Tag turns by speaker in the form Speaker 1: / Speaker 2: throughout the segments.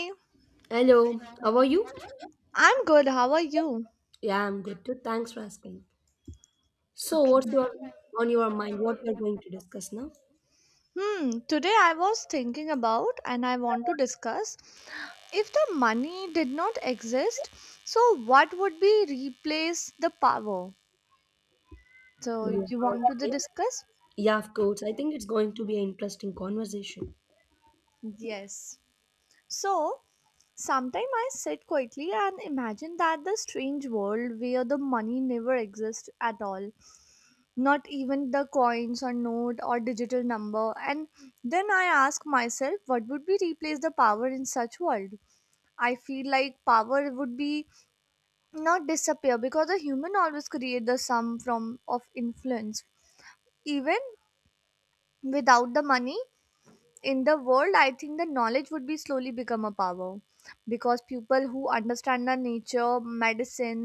Speaker 1: Hey,
Speaker 2: Hello, how are you?
Speaker 1: I'm good. How are you?
Speaker 2: Yeah, I'm good too. Thanks for asking. So, what's your on your mind? What we are going to discuss now?
Speaker 1: Today I was thinking about and I want to discuss if the money did not exist, so what would be replace the power? So
Speaker 2: Yeah,
Speaker 1: you want to the
Speaker 2: okay.
Speaker 1: discuss?
Speaker 2: Yeah, of course. I think it's going to be an interesting conversation.
Speaker 1: Yes. So sometime I sit quietly and imagine that the strange world where the money never exists at all. Not even the coins or note or digital number, and then I ask myself what would be replace the power in such world. I feel like power would be not disappear because a human always create the sum from of influence, even without the money. In the world I think the knowledge would be slowly become a power, because people who understand the nature medicine,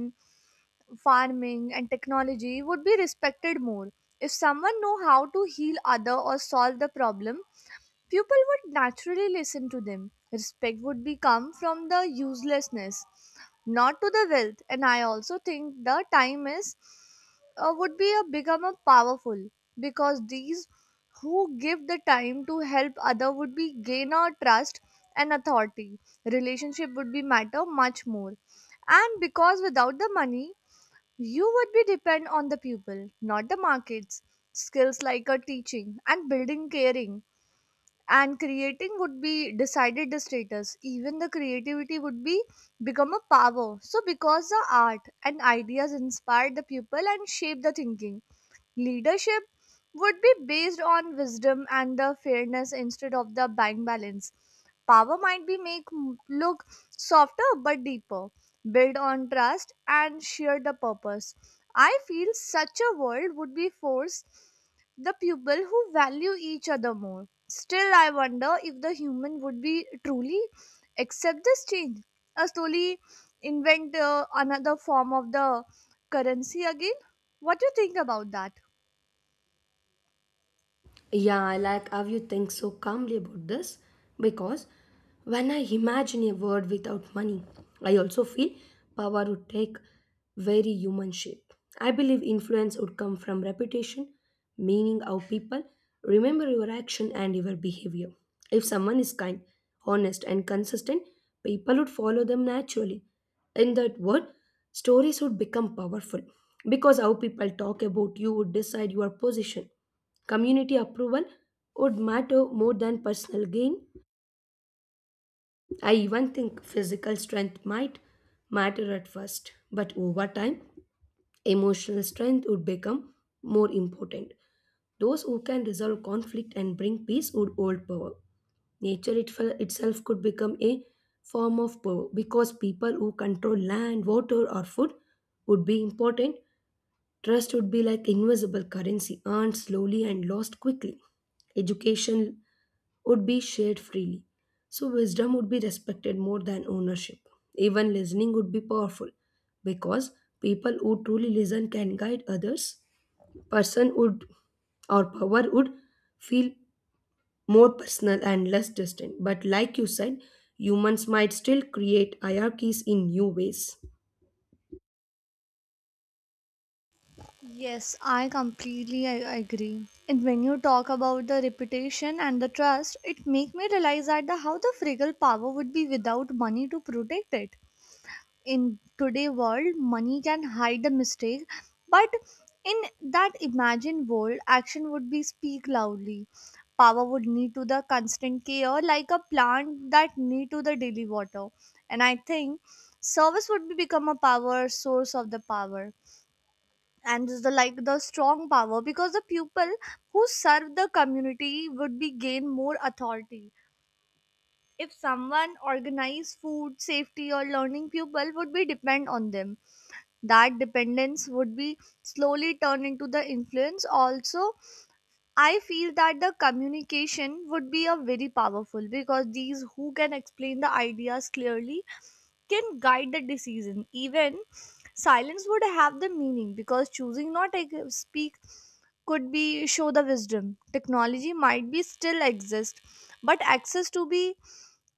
Speaker 1: farming and technology would be respected more. If someone know how to heal other or solve the problem, people would naturally listen to them. Respect would become from the uselessness, not to the wealth. And I also think the time is, would be a become a powerful because these who give the time to help other would be gain a trust and authority. Relationship would be matter much more, and because without the money you would be depend on the people, not the markets. Skills like a teaching and building caring and creating would be decided the status. Even the creativity would be become a power. So because the art and ideas inspire the people and shape the thinking, leadership would be based on wisdom and the fairness instead of the bank balance. Power might be make look softer but deeper, build on trust and share the purpose. I feel such a world would be forced the people who value each other more. Still, I wonder if the human would be truly accept this change, or slowly invent another form of the currency again. What do you think about that?
Speaker 2: Yeah, I like how you think so calmly about this because when I imagine a world without money, I also feel power would take very human shape. I believe influence would come from reputation, meaning how people remember your action and your behavior. If someone is kind, honest, and consistent, people would follow them naturally. In that world, stories would become powerful because how people talk about you would decide your position. Community approval would matter more than personal gain. I even think physical strength might matter at first, but over time, emotional strength would become more important. Those who can resolve conflict and bring peace would hold power. Nature itself could become a form of power because people who control land, water, or food would be important. Trust would be like invisible currency earned slowly and lost quickly. Education would be shared freely. So, wisdom would be respected more than ownership. Even listening would be powerful because people who truly listen can guide others. Person would or Power would feel more personal and less distant. But, like you said, humans might still create hierarchies in new ways.
Speaker 1: Yes, I completely I agree. And when you talk about the reputation and the trust, it make me realize how the fragile power would be without money to protect it. In today world, money can hide the mistake, but in that imagined world, action would be speak loudly. Power would need to the constant care, like a plant that need to the daily water. And I think service would be become a power source of the power, and is the like the strong power because the people who serve the community would be gain more authority. If someone organize food safety or learning, people would be depend on them. That dependence would be slowly turn into the influence also. I feel that the communication would be a very powerful because these who can explain the ideas clearly can guide the decision. Even silence would have the meaning because choosing not to speak could be show the wisdom. Technology might be still exist, but access to be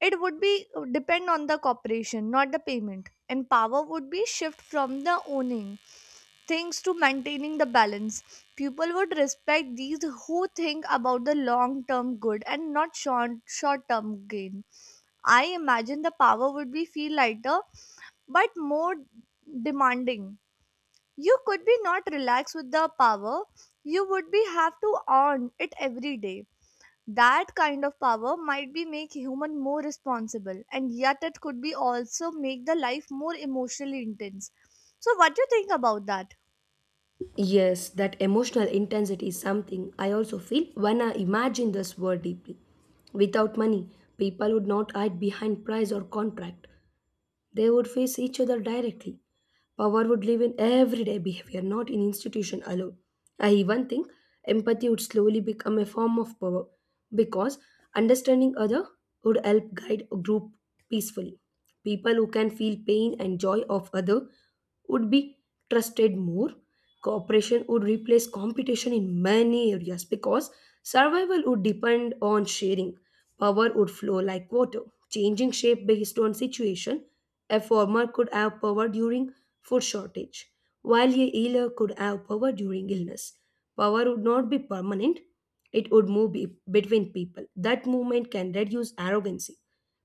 Speaker 1: it would be, depend on the cooperation, not the payment. And power would be shift from the owning things to maintaining the balance. People would respect these who think about the long term good and not short term gain. I imagine the power would be feel lighter but more demanding. You could be not relaxed with the power, you would be have to earn it every day. That kind of power might be make human more responsible, and yet it could be also make the life more emotionally intense. So what do you think about that?
Speaker 2: Yes, that emotional intensity is something I also feel when I imagine this word deeply. Without money, people would not hide behind price or contract. They would face each other directly. Power would live in everyday behavior, not in institution alone. I even think empathy would slowly become a form of power because understanding other would help guide a group peacefully. People who can feel pain and joy of other would be trusted more. Cooperation would replace competition in many areas because survival would depend on sharing. Power would flow like water, changing shape based on situation. A farmer could have power during food shortage, while a healer could have power during illness. Power would not be permanent, it would between people. That movement can reduce arrogancy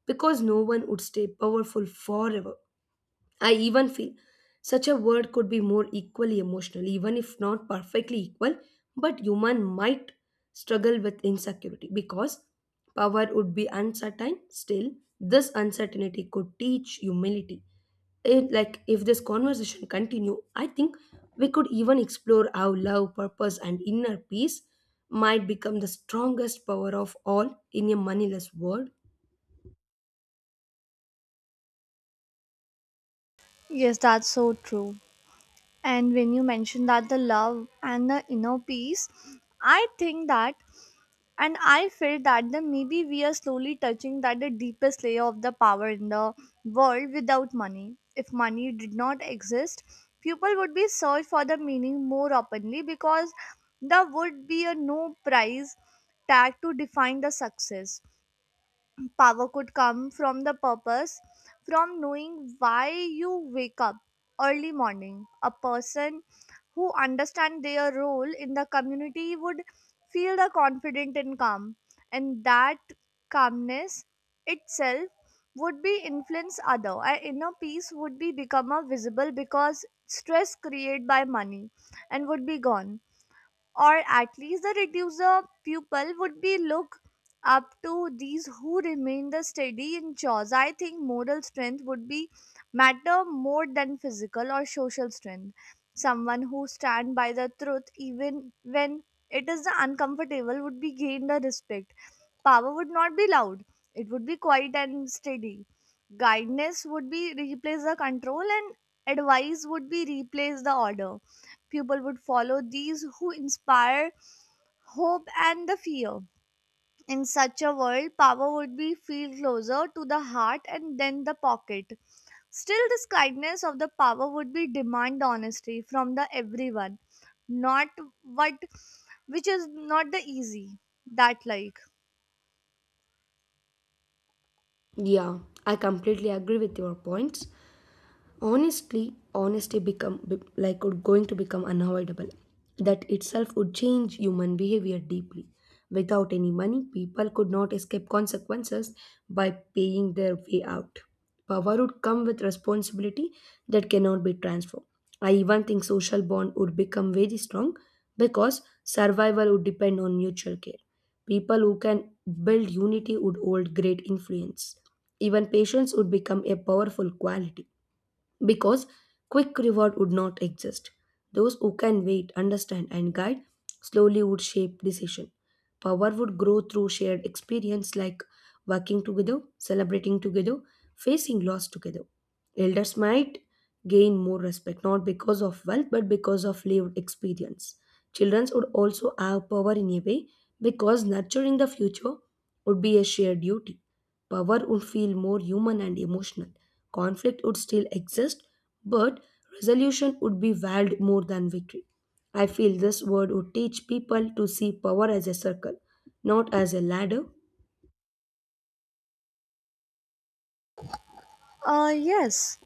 Speaker 2: because no one would stay powerful forever. I even feel such a word could be more equally emotional, even if not perfectly equal, but human might struggle with insecurity because power would be uncertain. Still, this uncertainty could teach humility. It, like if this conversation continue, I think we could even explore how love, purpose, and inner peace might become the strongest power of all in a moneyless world.
Speaker 1: Yes, that's so true. And when you mentioned that the love and the inner peace, I think that, and I felt that the maybe we are slowly touching that the deepest layer of the power in the world without money. If money did not exist, people would be search for the meaning more openly because there would be a no price tag to define the success. Power could come from the purpose, from knowing why you wake up early morning. A person who understands their role in the community would feel the confident and calm, and that calmness itself would be influence other. Our inner peace would be become a visible because stress created by money, and would be gone, or at least the reducer pupil would be look up to these who remain the steady in chores. I think moral strength would be matter more than physical or social strength. Someone who stand by the truth, even when it is the uncomfortable, would be gained the respect. Power would not be loud. It would be quiet and steady. Guidance would be replace the control, and advice would be replace the order. People would follow these who inspire hope and the fear. In such a world, power would be feel closer to the heart and then the pocket. Still, this kindness of the power would be demand honesty from the everyone, not what, which is not the easy that like.
Speaker 2: Yeah, I completely agree with your points. Honestly, honesty become be- like would going to become unavoidable. That itself would change human behavior deeply. Without any money, people could not escape consequences by paying their way out. Power would come with responsibility that cannot be transformed. I even think social bond would become very strong because survival would depend on mutual care. People who can build unity would hold great influence. Even patience would become a powerful quality because quick reward would not exist. Those who can wait, understand, and guide slowly would shape decision. Power would grow through shared experience like working together, celebrating together, facing loss together. Elders might gain more respect not because of wealth but because of lived experience. Children would also have power in a way because nurturing the future would be a shared duty. Power would feel more human and emotional. Conflict would still exist, but resolution would be valued more than victory. I feel this word would teach people to see power as a circle, not as a ladder.
Speaker 1: Yes.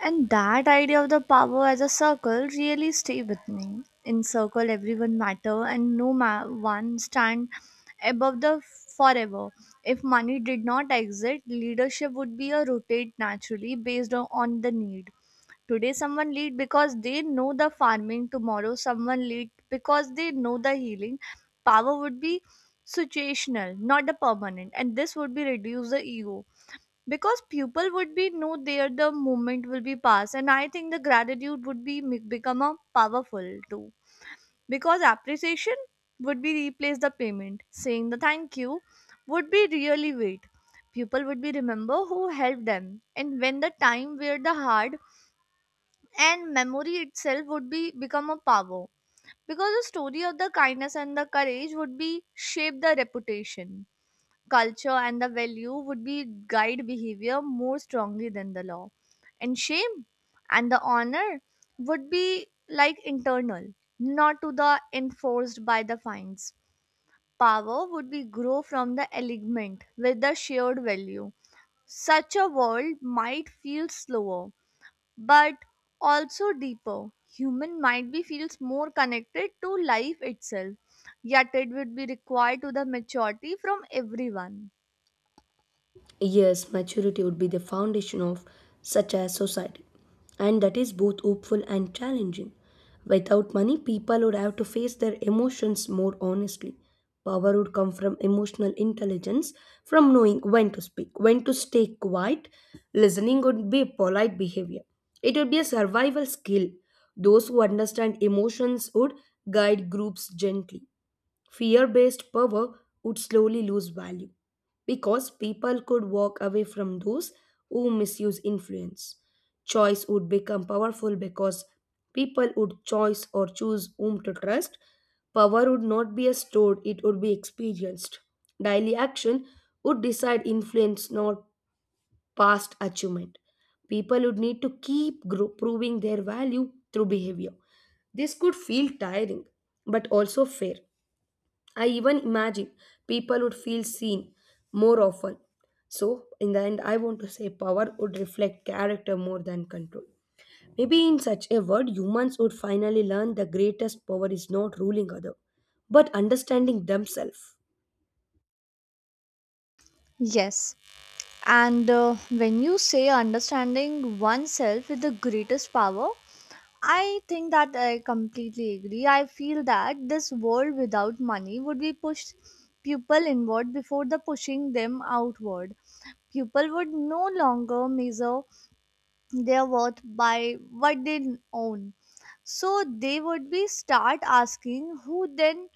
Speaker 1: And that idea of the power as a circle really stay with me. In circle, everyone matter and no one stand above the forever. If money did not exist, leadership would be a rotate naturally based on the need. Today, someone lead because they know the farming. Tomorrow, someone lead because they know the healing. Power would be situational, not the permanent, and this would be reduce the ego because people would be know there the moment will be passed. And I think the gratitude would be become a powerful too, because appreciation would be replace the payment. Saying the thank you would be really wait. People would be remember who helped them, and when the time where the hard. And memory itself would be become a power, because the story of the kindness and the courage would be shape the reputation. Culture and the value would be guide behavior more strongly than the law, and shame and the honor would be like internal, not to the enforced by the fines. Power would be grow from the alignment with the shared value. Such a world might feel slower, but also deeper. Human might be feels more connected to life itself, yet it would be required to the maturity from everyone.
Speaker 2: Yes, maturity would be the foundation of such a society, and that is both hopeful and challenging. Without money, people would have to face their emotions more honestly. Power would come from emotional intelligence, from knowing when to speak, when to stay quiet. Listening would be polite behavior. It would be a survival skill. Those who understand emotions would guide groups gently. Fear based power would slowly lose value because people could walk away from those who misuse influence. Choice would become powerful because people would choose or choose whom to trust. Power would not be stored, it would be experienced. Daily action would decide influence, not past achievement. People would need to keep proving their value through behavior. This could feel tiring, but also fair. I even imagine people would feel seen more often. So, in the end, I want to say power would reflect character more than control. Maybe in such a world, humans would finally learn the greatest power is not ruling other, but understanding themselves.
Speaker 1: Yes. And when you say understanding oneself is the greatest power, I think that I completely agree. I feel that this world without money would be pushed people inward before the pushing them outward. People would no longer measure their worth by what they own. So they would be start asking who then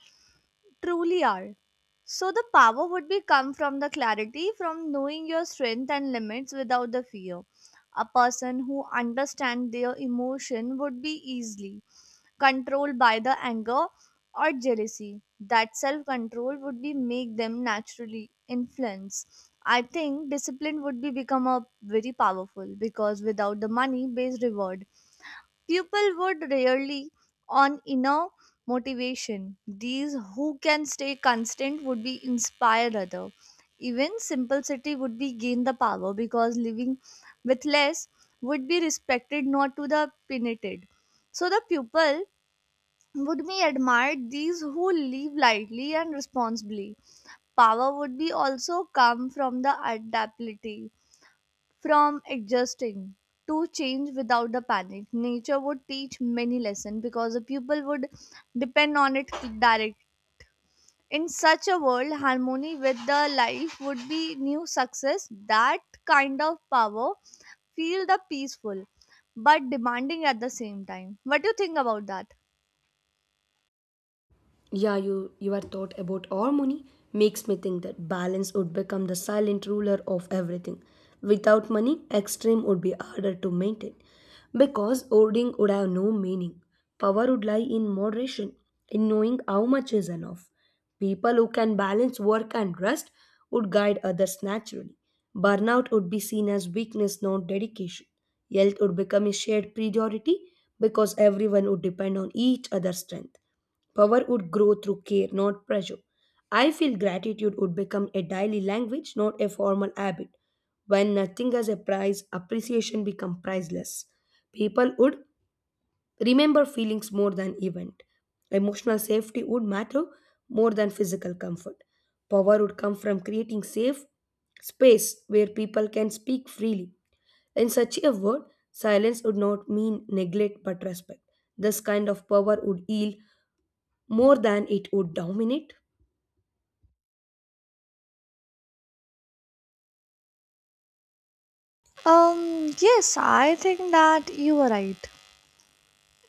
Speaker 1: truly are. So the power would be come from the clarity, from knowing your strength and limits without the fear. A person who understands their emotion would be easily controlled by the anger or jealousy. That self-control would be make them naturally influence. I think discipline would be become a very powerful, because without the money based reward, people would rarely on inner motivation. These who can stay constant would be inspire other. Even simplicity would be gain the power, because living with less would be respected, not to the penitent. So the people would be admired these who live lightly and responsibly. Power would be also come from the adaptability. From adjusting to change without the panic, nature would teach many lessons because the pupil would depend on it direct. In such a world, harmony with the life would be new success. That kind of power feel the peaceful but demanding at the same time. What do you think about that?
Speaker 2: Yeah, you are thought about harmony makes me think that balance would become the silent ruler of everything. Without money, extreme would be harder to maintain because hoarding would have no meaning. Power would lie in moderation, in knowing how much is enough. People who can balance work and rest would guide others naturally. Burnout would be seen as weakness, not dedication. Health would become a shared priority because everyone would depend on each other's strength. Power would grow through care, not pressure. I feel gratitude would become a daily language, not a formal habit. When nothing has a price, appreciation becomes priceless. People would remember feelings more than event. Emotional safety would matter more than physical comfort. Power would come from creating safe space where people can speak freely. In such a world, silence would not mean neglect but respect. This kind of power would heal more than it would dominate.
Speaker 1: Yes, I think that you are right.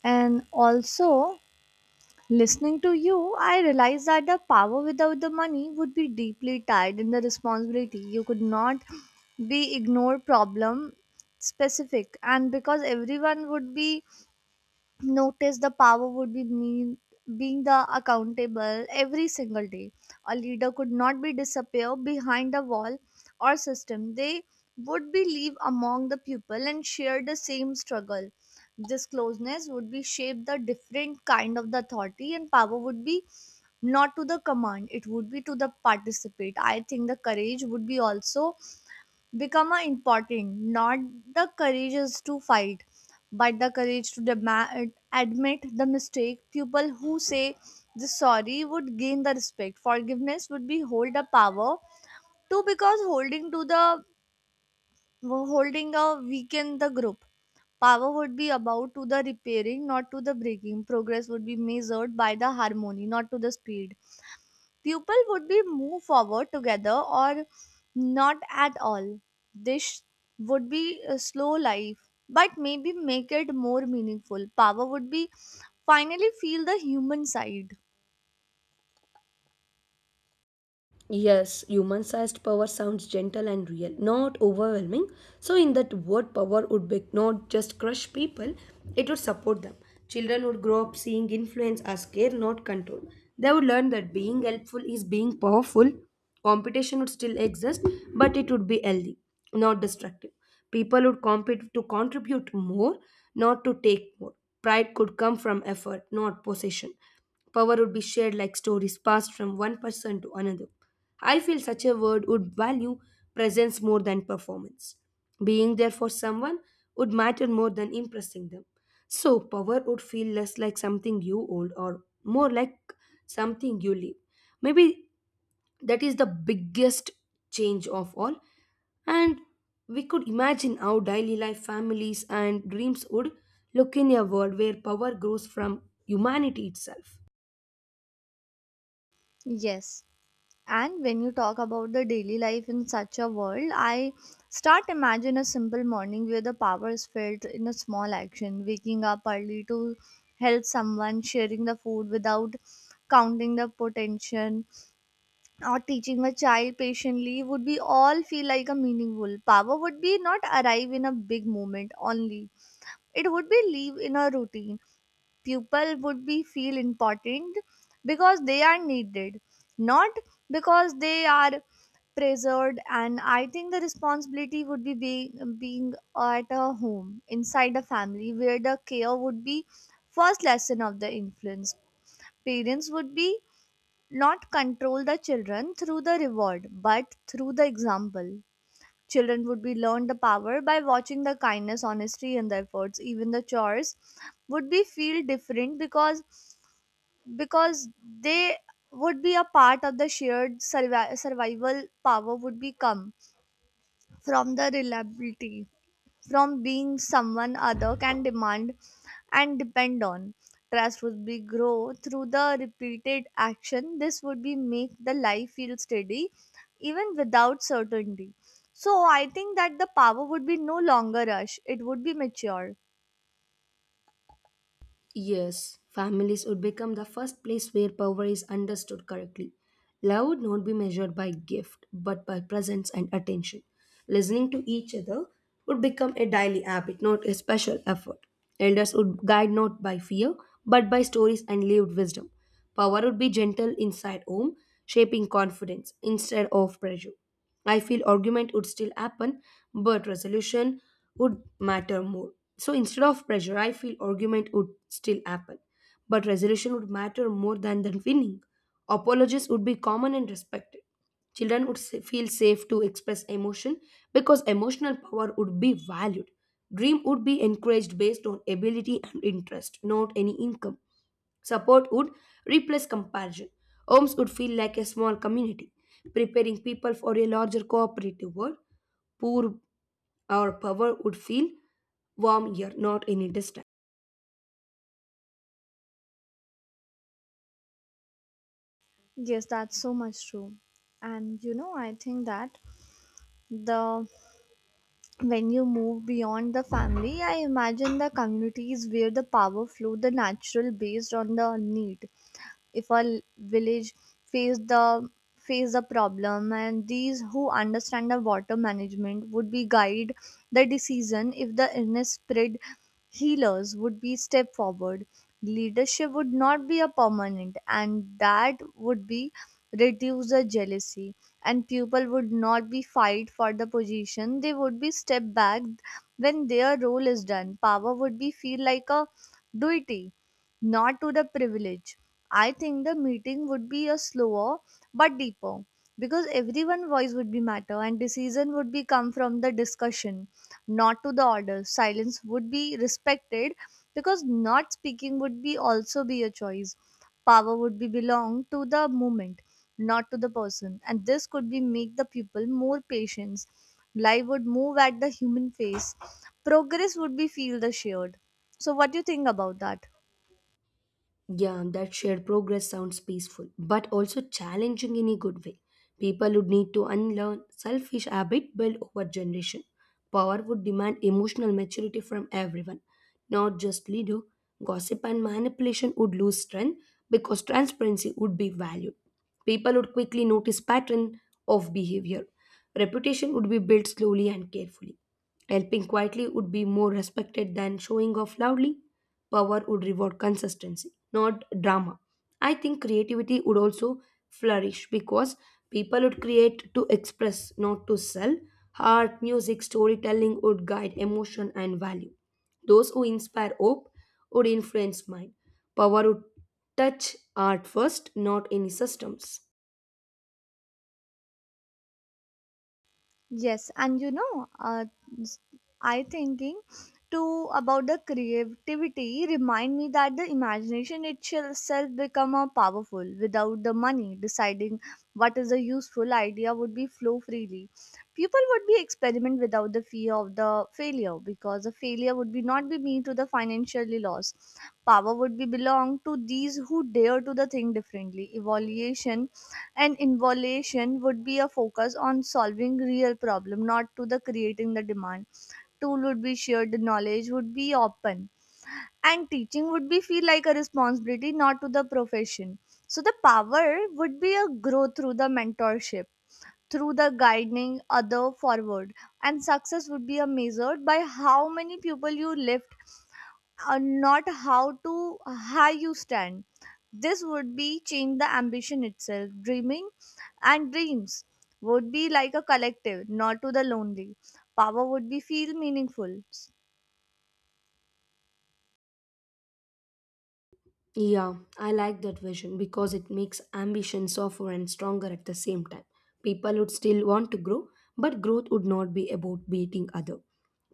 Speaker 1: And also, listening to you, I realized that the power without the money would be deeply tied in the responsibility. You could not be ignored. Problem specific, and because everyone would be notice, the power would be mean being the accountable every single day. A leader could not be disappear behind a wall or system. They would be live among the people and share the same struggle. This closeness would be shape the different kind of the authority, and power would be not to the command, it would be to the participate. I think the courage would be also become a important, not the courage to fight, but the courage to demand admit the mistake. People who say the sorry would gain the respect. Forgiveness would be hold the power too, because holding a weaken the group. Power would be about to the repairing, not to the breaking. Progress would be measured by the harmony, not to the speed. People would be move forward together or not at all. This would be a slow life, but maybe make it more meaningful. Power would be finally feel the human side.
Speaker 2: Yes, human sized power sounds gentle and real, not overwhelming. So, in that word, power would be not just crush people, it would support them. Children would grow up seeing influence as care, not control. They would learn that being helpful is being powerful. Competition would still exist, but it would be healthy, not destructive. People would compete to contribute more, not to take more. Pride could come from effort, not possession. Power would be shared like stories passed from one person to another. I feel such a word would value presence more than performance. Being there for someone would matter more than impressing them. So, power would feel less like something you hold or more like something you live. Maybe that is the biggest change of all. And we could imagine how daily life, families, and dreams would look in a world where power grows from humanity itself.
Speaker 1: Yes. And when you talk about the daily life in such a world, I start imagine a simple morning where the power is felt in a small action, waking up early to help someone, sharing the food without counting the potential, or teaching a child patiently would be all feel like a meaningful power would be not arrive in a big moment only, it would be live in a routine. People would be feel important because they are needed, not because they are preserved. And I think the responsibility would be being at a home inside a family where the care would be first lesson of the influence. Parents would be not control the children through the reward but through the example. Children would be learned the power by watching the kindness, honesty and the efforts. Even the chores would be feel different because they would be a part of the shared survival. Power would become from the reliability, from being someone other can demand and depend on. Trust would be grow through the repeated action. This would be make the life feel steady even without certainty. So I think that the power would be no longer rush. It would be mature.
Speaker 2: Yes, families would become the first place where power is understood correctly. Love would not be measured by gift, but by presence and attention. Listening to each other would become a daily habit, not a special effort. Elders would guide not by fear, but by stories and lived wisdom. Power would be gentle inside home, shaping confidence instead of pressure. I feel argument would still happen, but resolution would matter more. So instead of pressure, I feel argument would still happen, but resolution would matter more than the winning. Apologies would be common and respected. Children would feel safe to express emotion because emotional power would be valued. Dream would be encouraged based on ability and interest, not any income. Support would replace comparison. Homes would feel like a small community, preparing people for a larger cooperative world. Poor or Power would feel warm here, not any distance.
Speaker 1: Yes, that's so much true. And you know, I think that the when you move beyond the family, I imagine the communities where the power flow the natural based on the need. If village face the face the problem, and these who understand the water management would be guide the decision. If the illness spread, healers would be step forward. Leadership would not be a permanent, and that would be reduce the jealousy, and people would not be fight for the position. They would be step back when their role is done. Power would be feel like a duty, not to the privilege. I think the meeting would be a slower but deeper, because everyone voice would be matter and decision would be come from the discussion, not to the order. Silence would be respected because not speaking would be also be a choice. Power would be belong to the movement, not to the person. And this could be make the people more patient. Life would move at the human face. Progress would be feel the shared. So what do you think about that?
Speaker 2: Yeah, that shared progress sounds peaceful, but also challenging in a good way. People would need to unlearn selfish habit built over generation. Power would demand emotional maturity from everyone, not just leader. Gossip and manipulation would lose strength because transparency would be valued. People would quickly notice pattern of behavior. Reputation would be built slowly and carefully. Helping quietly would be more respected than showing off loudly. Power would reward consistency, not drama. I think creativity would also flourish because people would create to express, not to sell. Art, music, storytelling would guide emotion and value. Those who inspire hope would influence mind. Power would touch art first, not any systems.
Speaker 1: Yes, and you know, I thinking too about the creativity remind me that the imagination itself become a powerful without the money deciding what is a useful idea. Would be flow freely. People would be experiment without the fear of the failure, because the failure would be not be mean to the financially loss. Power would be belong to these who dare to the think differently. Evaluation and involution would be a focus on solving real problem, not to the creating the demand. Tool would be shared, the knowledge would be open, and teaching would be feel like a responsibility, not to the profession. So the power would be a growth through the mentorship, through the guiding other forward. And success would be a measured by how many people you lift, and not how to high you stand. This would be change the ambition itself. Dreaming and dreams would be like a collective, not to the lonely. Power would be feel meaningful.
Speaker 2: Yeah, I like that vision because it makes ambition softer and stronger at the same time. People would still want to grow, but growth would not be about beating other.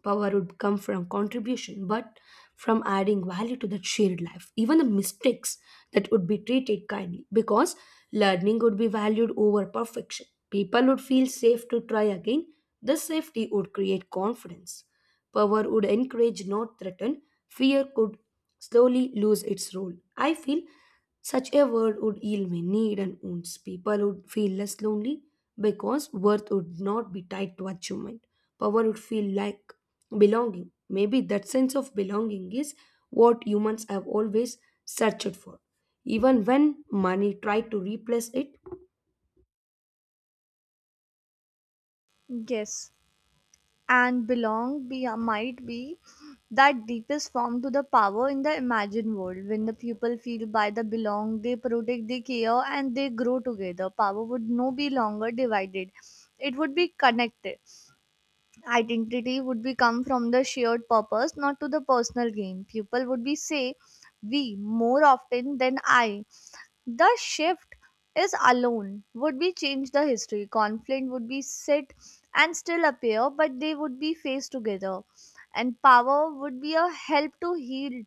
Speaker 2: Power would come from contribution, but from adding value to that shared life. Even the mistakes that would be treated kindly because learning would be valued over perfection. People would feel safe to try again. This safety would create confidence. Power would encourage, not threaten. Fear could slowly lose its role. I feel such a world would heal many hidden wounds. People would feel less lonely because worth would not be tied to achievement. Power would feel like belonging. Maybe that sense of belonging is what humans have always searched for. Even when money tried to replace it,
Speaker 1: Yes, and belong be might be that deepest form to the power in the imagined world. When the people feel by the belong, they protect, they care, and they grow together. Power would no be longer divided; it would be connected. Identity would be come from the shared purpose, not to the personal gain. People would be say, "We," more often than "I." The shift is alone would be change the history. Conflict would be sit and still appear, but they would be faced together, and power would be a help to heal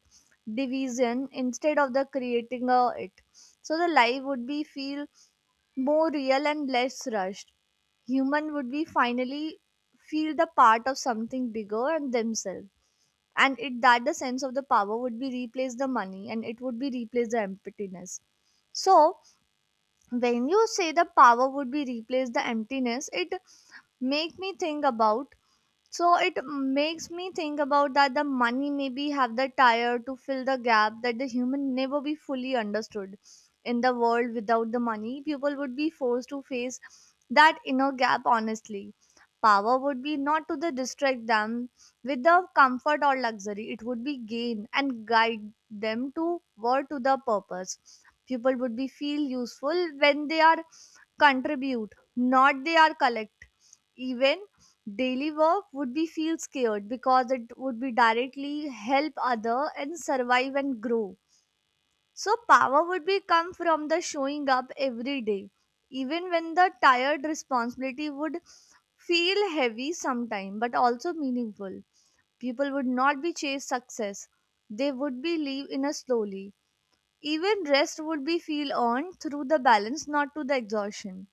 Speaker 1: division instead of the creating a it. So the life would be feel more real and less rushed. Human would be finally feel the part of something bigger and themselves. And it that the sense of the power would be replace the money, and it would be replace the emptiness. So when you say the power would be replace the emptiness, it make me think about, it makes me think about that the money maybe have the tire to fill the gap that the human never be fully understood. In the world without the money, people would be forced to face that inner gap honestly. Power would be not to the distract them with the comfort or luxury. It would be gain and guide them to toward to the purpose. People would be feel useful when they are contribute, not they are collect. Even daily work would be feel scared because it would be directly help other and survive and grow. So power would be come from the showing up every day. Even when the tired, responsibility would feel heavy sometime but also meaningful. People would not be chase success. They would be live in a slowly. Even rest would be feel earned through the balance, not to the exhaustion.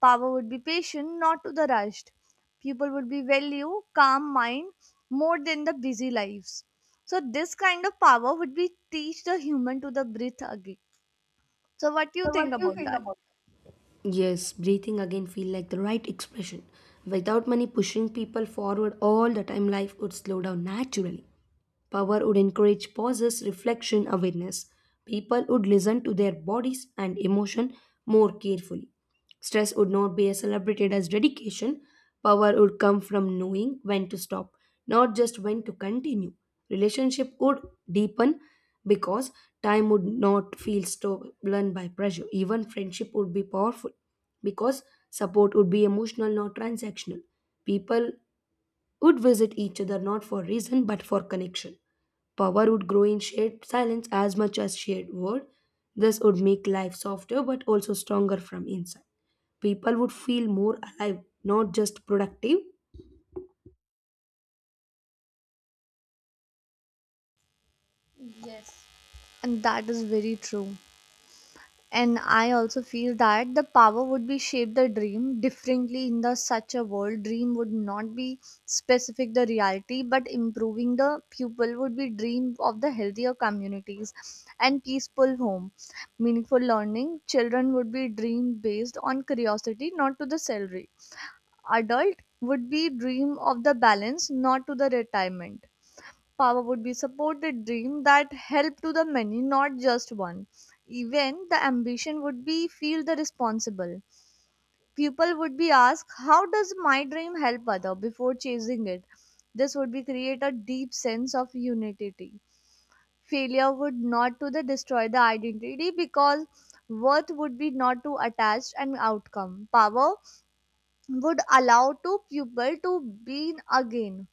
Speaker 1: Power would be patient, not to the rushed. People would be value, calm mind more than the busy lives. So this kind of power would be teach the human to the breathe again. So what do you think about that?
Speaker 2: yes, breathing again feel like the right expression. Without money pushing people forward all the time, life would slow down naturally. Power would encourage pauses, reflection, awareness. People would listen to their bodies and emotion more carefully. Stress would not be as celebrated as dedication. Power would come from knowing when to stop, not just when to continue. Relationship would deepen because time would not feel stolen by pressure. Even friendship would be powerful because support would be emotional, not transactional. People would visit each other not for reason but for connection. Power would grow in shared silence as much as shared word. This would make life softer but also stronger from inside. People would feel more alive, not just productive.
Speaker 1: Yes. And that is very true. And I also feel that the power would be shape the dream differently in the such a world. Dream would not be specific the reality but improving. The pupil would be dream of the healthier communities and peaceful home, meaningful learning. Children would be dream based on curiosity, not to the salary. Adult would be dream of the balance, not to the retirement. Power would be support the dream that help to the many, not just one. Even the ambition would be feel the responsible. People would be asked how does my dream help other before chasing it. This would be create a deep sense of unity. Failure would not to the destroy the identity because worth would be not to attach an outcome. Power would allow to people to be again.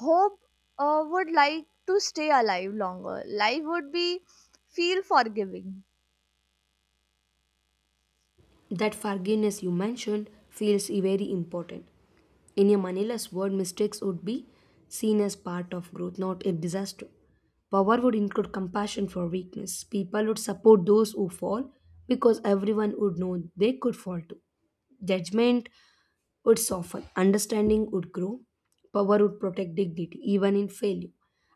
Speaker 1: Hope would like to stay alive longer. Life would be feel forgiving.
Speaker 2: That forgiveness you mentioned feels very important. In a Manila's world, mistakes would be seen as part of growth, not a disaster. Power would include compassion for weakness. People would support those who fall because everyone would know they could fall too. Judgment would soften, understanding would grow, power would protect dignity, even in failure.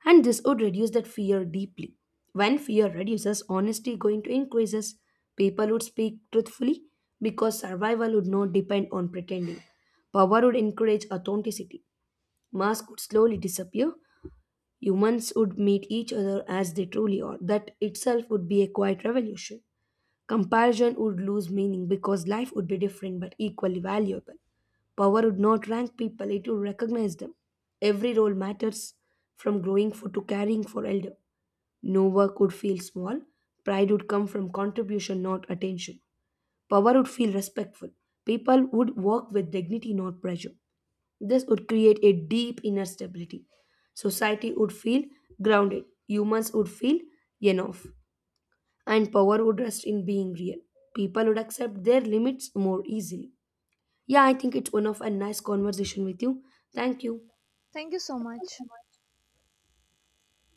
Speaker 2: And this would reduce that fear deeply. When fear reduces, honesty going to increases. People would speak truthfully because survival would not depend on pretending. Power would encourage authenticity. Mask would slowly disappear. Humans would meet each other as they truly are. That itself would be a quiet revolution. Comparison would lose meaning because life would be different but equally valuable. Power would not rank people, it would recognize them. Every role matters, from growing for to caring for elder. No work would feel small. Pride would come from contribution, not attention. Power would feel respectful. People would work with dignity, not pressure. This would create a deep inner stability. Society would feel grounded. Humans would feel enough and power would rest in being real. People would accept their limits more easily. Yeah, I think it's one of a nice conversation with you. Thank you.
Speaker 1: Thank you so much.